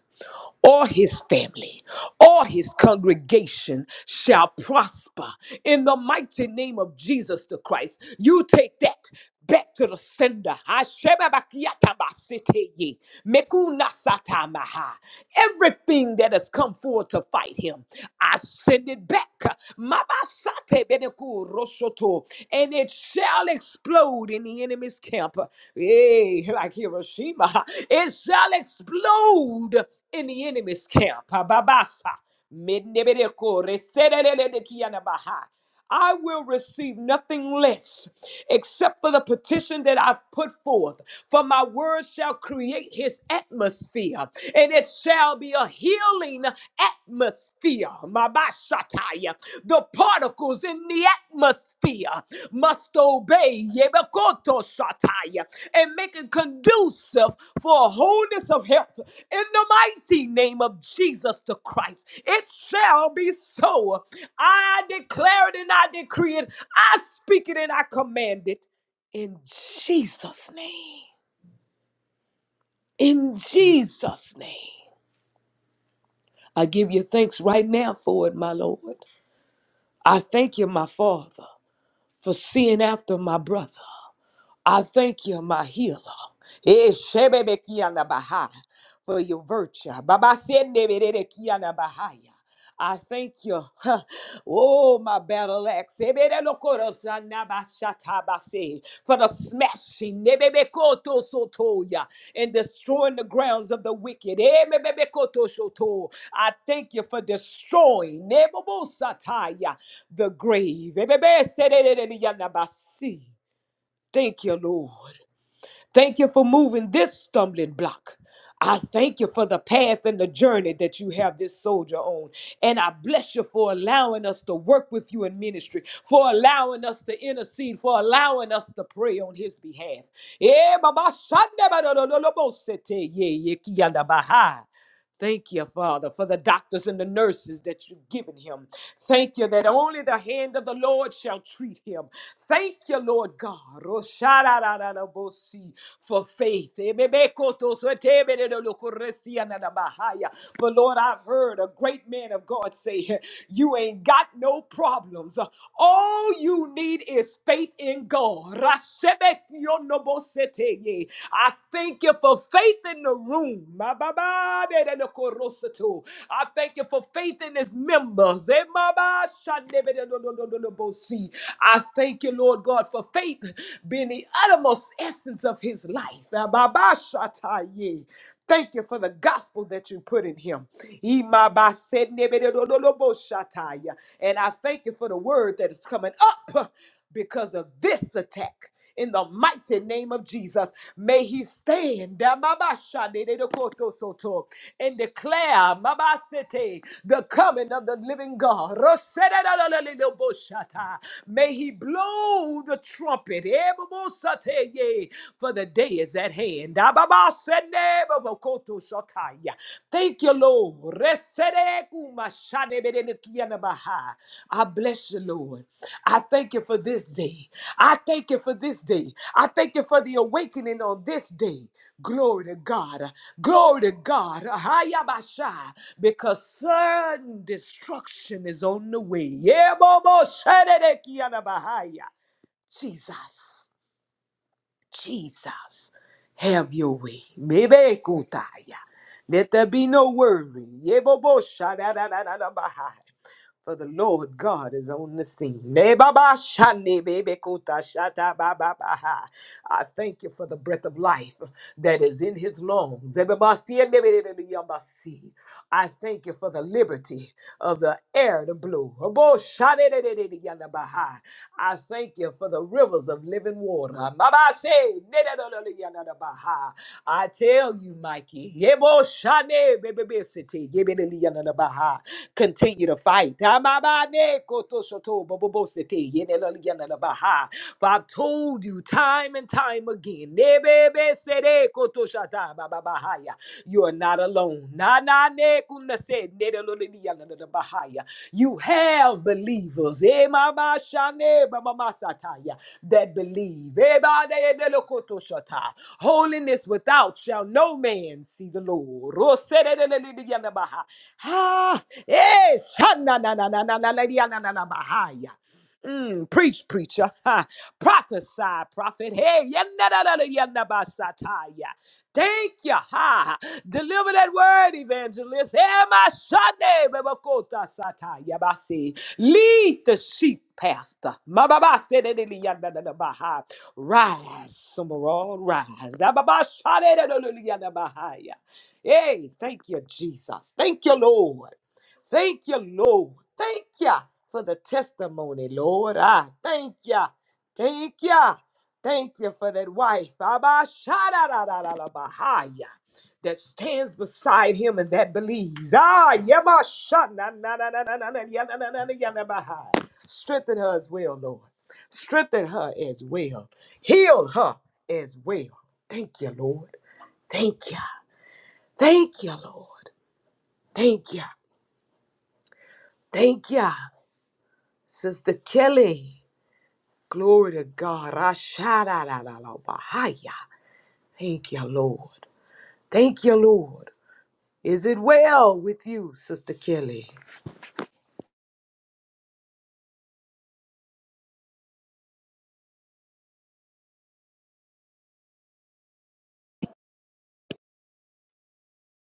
[SPEAKER 1] or his family or his congregation shall prosper in the mighty name of Jesus the Christ. You take that back to the sender. Ashebabakiyatamasiteye, mekunasatamaha. Everything that has come forward to fight him, I send it back. Mabasatebedekurosoto, And it shall shall explode in the enemy's camp. Hey, like Hiroshima, it shall explode in the enemy's camp. Ababasa. Menebereko, reserererelekianabaha. I will receive nothing less except for the petition that I've put forth. For my word shall create his atmosphere, and it shall be a healing healing atmosphere. Mabashataya. The particles in the atmosphere must obey yebakoto Shataya and make it conducive for wholeness of health. In the mighty name of Jesus the Christ, it shall be so. I declare it and I decree it. I speak it and I command it. In Jesus' name. In Jesus' name. I give you thanks right now for it, my Lord. I thank you, my Father, for seeing after my brother. I thank you, my healer. Eh, shebebekiana baha, For your virtue. Baba sendeberekiana bahaya. I thank you. huh. Oh, my battle axe. Eberelokorosana bashatabase, For the smashing nebebekotosotoya, and destroying the grounds of the wicked. Emebebekotoshoto. I thank you for destroying nebobosataya, the grave. Ebebeserereyana basi. Thank you, Lord. Thank you for moving this stumbling block. I thank you for the path and the journey that you have this soldier on. And I bless you for allowing us to work with you in ministry, for allowing us to intercede, for allowing us to pray on his behalf. Eh, baba, shanda ba do do do lo bo se ye ye ki yanda ba ha. Thank you, Father, for the doctors and the nurses that you've given him. Thank you that only the hand of the Lord shall treat him. Thank you, Lord God, Rosharararabosi, for faith. Ebebekotosotebedelokoresianadabahaya. For Lord, I've heard a great man of God say, You ain't got no problems. All you you need is faith in God. Rasebekionoboseteye. I thank you for faith in the room. Mabababedekorosoto. I thank you for faith in his members. Zemabashandebedenonononobosi. I thank you, Lord God, for faith being the uttermost essence of his life. Ababashataye. Thank you for the gospel that you put in him. Imabasednebedododoboshataya. And I thank you for the word that is coming up because of this attack. In the mighty name of Jesus, may he stand Damabashadededokotosoto, and declare Mabasete, the coming of the living God. Rosedadadadadeboshata. May he blow the trumpet. Ebobosateye for the day is at hand. Ababasendebobokoto-shataya. Thank you, Lord. Resedekumashadebedelekianabaha. I bless you, Lord. I thank you for this day. I thank you for this day. I thank you for the awakening on this day. Glory to God. Glory to God. Hayabasha. Because certain destruction is on the way. Yeboboshedekianabahaya. Jesus. Jesus, have your way. Mebe kutaya. Let there be no worry. Yebobo shadadadadadabaha for the Lord God is on the scene. Ne ba ba sha ne be be ko ta sha ta ba ba ba ha. I thank you for the breath of life that is in his lungs. Ze be ba si e ne be de de de ya ba si. I thank you for the liberty of the air to blow. Obo sha de de de de de ya na ba ha. I thank you for the rivers of living water. Ma ba se ne de de de de ya na na ba ha. I tell you, Mikey, Yebo Shane, baby, city, Yebe de de ya na na ba ha. Continue to fight. Amabane kotoshoto bobobosete yeneloliyanelabaha. For I've told you time and time again. Nebebesede kotoshata bababahaya. You are not alone. Na na ne kunase nedeloliyanelabahaya. You have believers. Emabashane babamasataya, That believe. Ebadeyedelokotoshata. Holiness without shall no man see the Lord. Rosedededededeyanelabaha. Ha! Eh, shana na na na na na na na na na na bahaya. Mm, preach, preacher. Ha. Prophesy, prophet. Hey, yana na na na yana basataya. Thank you. Ha. Deliver that word, evangelist. Ema shane bebakota sataya basi. Lead the sheep, pastor. Ma ba ba ste de de li yana na na baha. Rise, Summerall, rise. Ababa shane de de li yana bahaya. Hey, thank you, Jesus. Thank you, Lord. Thank you, Lord. Thank you for the testimony, Lord. I thank you. Thank you. Thank you for that wife, Abba, Shadadadadadabahaya, that stands beside him and that believes. Ah, Yama, Shadadadadadadadadada, Yadadadadadadabahaya. Strengthen her as well, Lord. Strengthen her as well. Heal her as well. Thank you, Lord. Thank you. Thank you, Lord. Thank you. Thank you. Sister Kelly. Glory to God. I shout out out out out behind Thank you, Lord. Thank you, Lord. Is it well with you, Sister Kelly?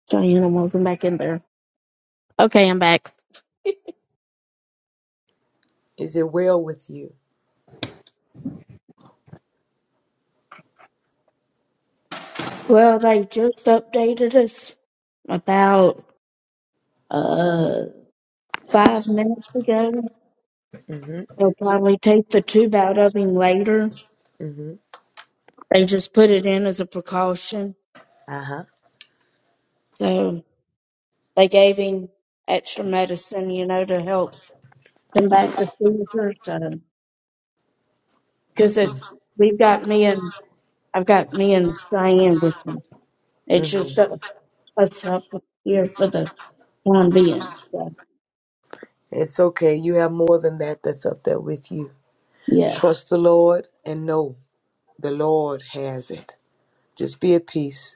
[SPEAKER 3] so Diana, welcome back in there. Okay, I'm back.
[SPEAKER 1] Is it well with you?
[SPEAKER 3] Well, they just updated us about uh five minutes ago.
[SPEAKER 1] Mm-hmm.
[SPEAKER 3] They'll probably take the tube out of him later
[SPEAKER 1] Mm-hmm.
[SPEAKER 3] They just put it in as a precaution.
[SPEAKER 1] Uh-huh.
[SPEAKER 3] So they gave him extra medicine, you know, to help combat the fever. So, because it's, we've got me and, I've got me and Diane with me. It's
[SPEAKER 1] Mm-hmm.
[SPEAKER 3] just uh, us up here for the time being. So,
[SPEAKER 1] It's okay. You have more than that that's up there with you.
[SPEAKER 3] yes,
[SPEAKER 1] Trust the Lord and know the Lord has it. Just be at peace.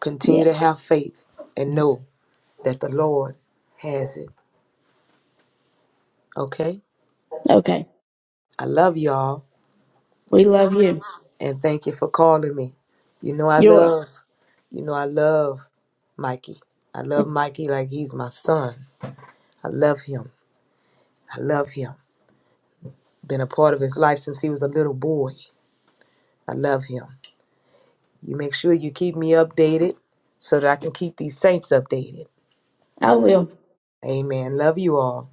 [SPEAKER 1] Continue
[SPEAKER 3] yeah,
[SPEAKER 1] to have faith and know that the Lord has it. Okay?
[SPEAKER 3] Okay.
[SPEAKER 1] I love y'all
[SPEAKER 3] We love you.
[SPEAKER 1] and thank you for calling me. You know I
[SPEAKER 3] You're,
[SPEAKER 1] love, you know I love Mikey. I love Mikey like he's my son. I love him. I love him. Been a part of his life since he was a little boy. I love him. You make sure you keep me updated so that I can keep these saints updated.
[SPEAKER 3] I will.
[SPEAKER 1] Amen. Love you all.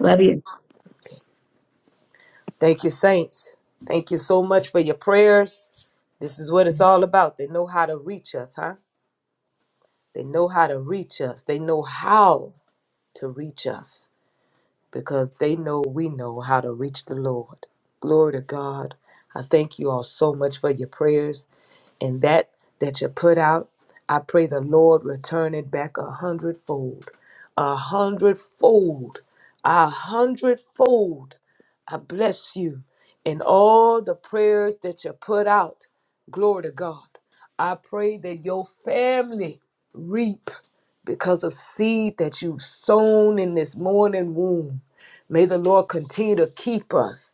[SPEAKER 3] Love you.
[SPEAKER 1] Thank you, saints. Thank you so much for your prayers. This is what it's all about. They know how to reach us, huh? They know how to reach us. They know how to reach us because they know we know how to reach the Lord. Glory to God. I thank you all so much for your prayers and that that you put out, I pray the Lord return it back a hundredfold, a hundredfold, a hundredfold. I bless you in all the prayers that you put out. Glory to God. I pray that your family reap because of seed that you've sown in this morning womb. May the Lord continue to keep us.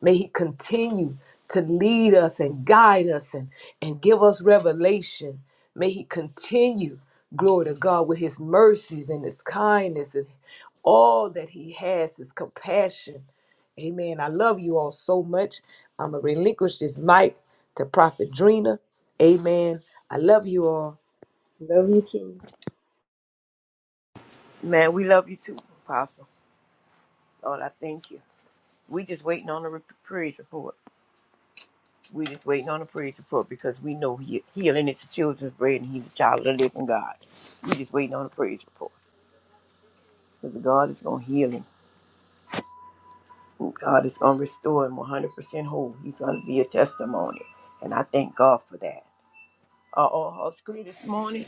[SPEAKER 1] May He continue to lead us and guide us and, and give us revelation. May He continue, glory to God, with His mercies and His kindness and all that He has, His compassion. Amen. I love you all so much. I'm going to relinquish this mic to Prophet Drina. Amen. I love you all.
[SPEAKER 5] Love you too.
[SPEAKER 4] Man, we love you too, Apostle. Lord, I thank you. We just waiting on the re- praise report. We just waiting on a praise report because we know he, healing is the children's bread and he's a child of the living God. We just waiting on a praise report because God is going to heal him. God is going to restore him 100% whole. He's going to be a testimony. And I thank God for that. Are all hearts clear this morning?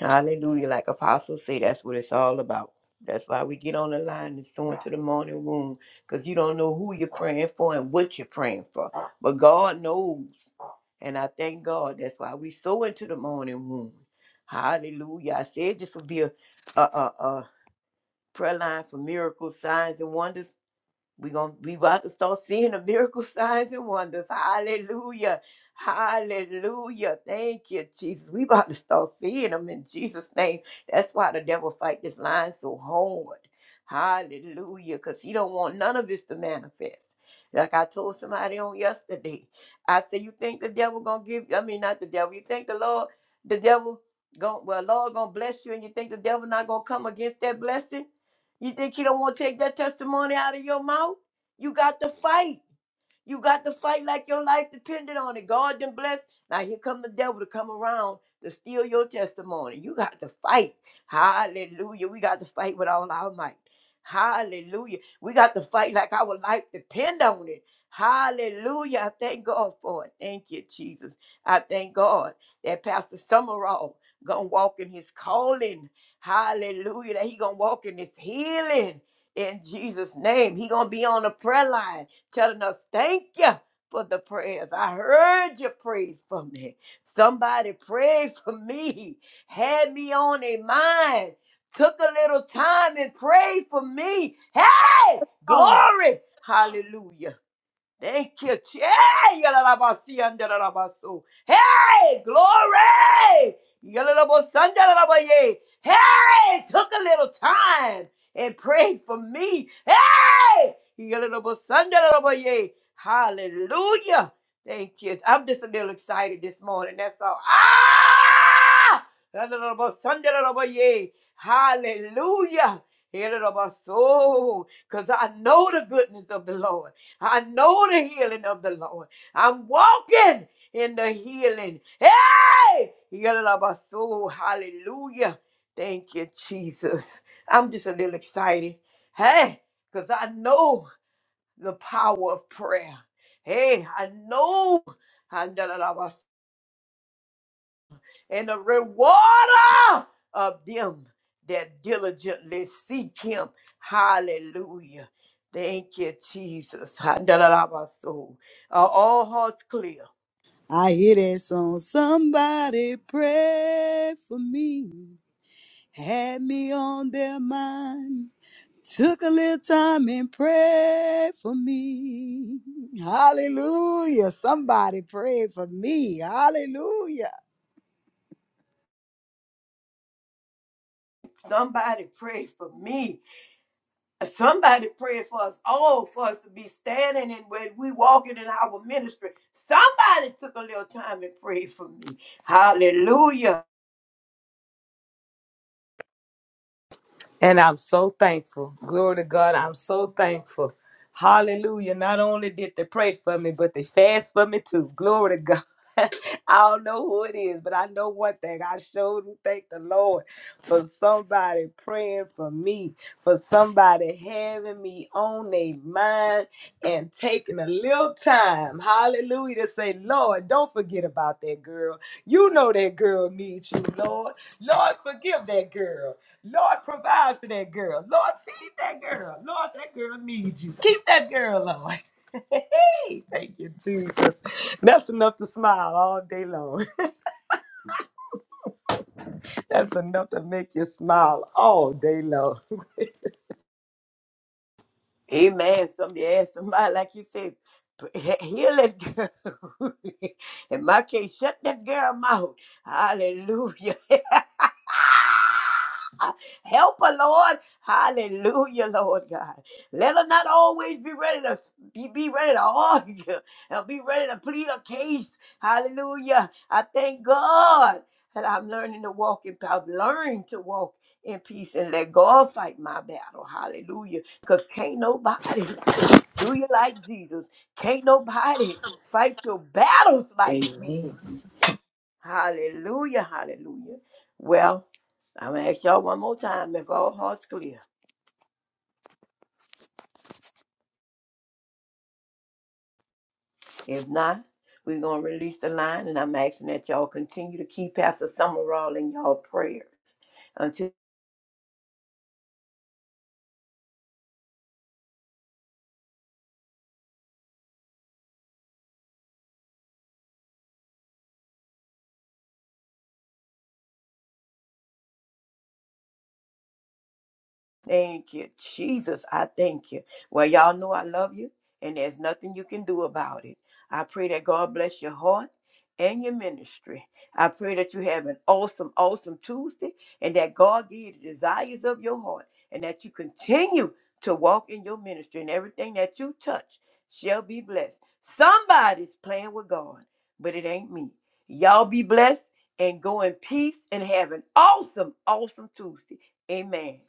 [SPEAKER 4] Hallelujah. Like apostles say, that's what it's all about. That's why we get on the line and sow into the morning womb because you don't know who you're praying for and what you're praying for. But God knows. And I thank God. That's why we sow into the morning womb. Hallelujah. I said this would be a, a, a, a prayer line for miracles, signs, and wonders. We're gonna we about to start seeing the miracle signs and wonders. Hallelujah. Hallelujah. Thank you, Jesus. We about to start seeing them in Jesus' name. That's why the devil fight this line so hard. Hallelujah. Because he don't want none of this to manifest. Like I told somebody on yesterday. I said, You think the devil gonna give I mean not the devil, you think the Lord, the devil going well, Lord gonna bless you, and you think the devil not gonna come against that blessing? You think he don't want to take that testimony out of your mouth? You got to fight. You got to fight like your life depended on it. God done blessed. Now here come the devil to come around to steal your testimony. You got to fight. Hallelujah. We got to fight with all our might. Hallelujah. We got to fight like our life depend on it. Hallelujah. I thank God for it. Thank you, Jesus. I thank God that Pastor Summerall gonna walk in his calling. Hallelujah. That he gonna walk in his healing in Jesus' name. He gonna be on the prayer line telling us, Thank you for the prayers. I heard you prayed for me. Somebody prayed for me, had me on their mind, took a little time and prayed for me. Hey, glory. Hallelujah. Thank you, Jay. Yalalabasi, andalalabaso. Hey, glory. Yalalabos, andalalabaye. Hey, took a little time and prayed for me. Hey, Yalalabos, andalalabaye. hallelujah. Thank you. I'm just a little excited this morning. That's all. Ah! Yalalabos, andalalabaye. Hallelujah. Because I know the goodness of the Lord. I know the healing of the Lord. I'm walking in the healing. Hey! soul. Hallelujah. Thank you, Jesus. I'm just a little excited. Hey, because I know the power of prayer. Hey, I know and the rewarder of them that diligently seek him. Hallelujah. Thank you, Jesus. Handalabaso. Are all hearts clear?
[SPEAKER 2] I hear that song. Somebody pray for me. Had me on their mind. Took a little time and prayed for me. Hallelujah. Somebody prayed for me. Hallelujah.
[SPEAKER 4] Somebody pray for me. Somebody pray for us all, for us to be standing and when we walking in our ministry. Somebody took a little time and prayed for me. Hallelujah.
[SPEAKER 1] And I'm so thankful. Glory to God. I'm so thankful. Hallelujah. Not only did they pray for me, but they fast for me too. Glory to God. I don't know who it is, but I know one thing. I sure do thank the Lord for somebody praying for me, for somebody having me on their mind and taking a little time, hallelujah, to say, Lord, don't forget about that girl. You know that girl needs you, Lord. Lord, forgive that girl. Lord, provide for that girl. Lord, feed that girl. Lord, that girl needs you. Keep that girl, Lord. Hey, thank you, Jesus. That's enough to smile all day long. That's enough to make you smile all day long.
[SPEAKER 4] Amen. Somebody asked somebody, like you said, he- heal that girl. In my case, shut that girl mouth. Hallelujah. Help her, Lord. Hallelujah, Lord God. Let her not always be ready to be, be ready to argue and be ready to plead a case. Hallelujah. I thank God that I'm learning to walk in I've learned to walk in peace and let God fight my battle. Hallelujah. Because can't nobody do you like Jesus. Can't nobody fight your battles like
[SPEAKER 1] Amen.
[SPEAKER 4] Jesus. Hallelujah, hallelujah. Well, I'm gonna ask y'all one more time if all hearts clear. If not, we're gonna release the line, and I'm asking that y'all continue to keep Pastor Summerall in y'all prayer until Thank you, Jesus. I thank you. Well, y'all know I love you, and there's nothing you can do about it. I pray that God bless your heart and your ministry. I pray that you have an awesome, awesome Tuesday, and that God give you the desires of your heart, and that you continue to walk in your ministry, and everything that you touch shall be blessed. Somebody's playing with God, but it ain't me. Y'all be blessed and go in peace and have an awesome, awesome Tuesday. Amen.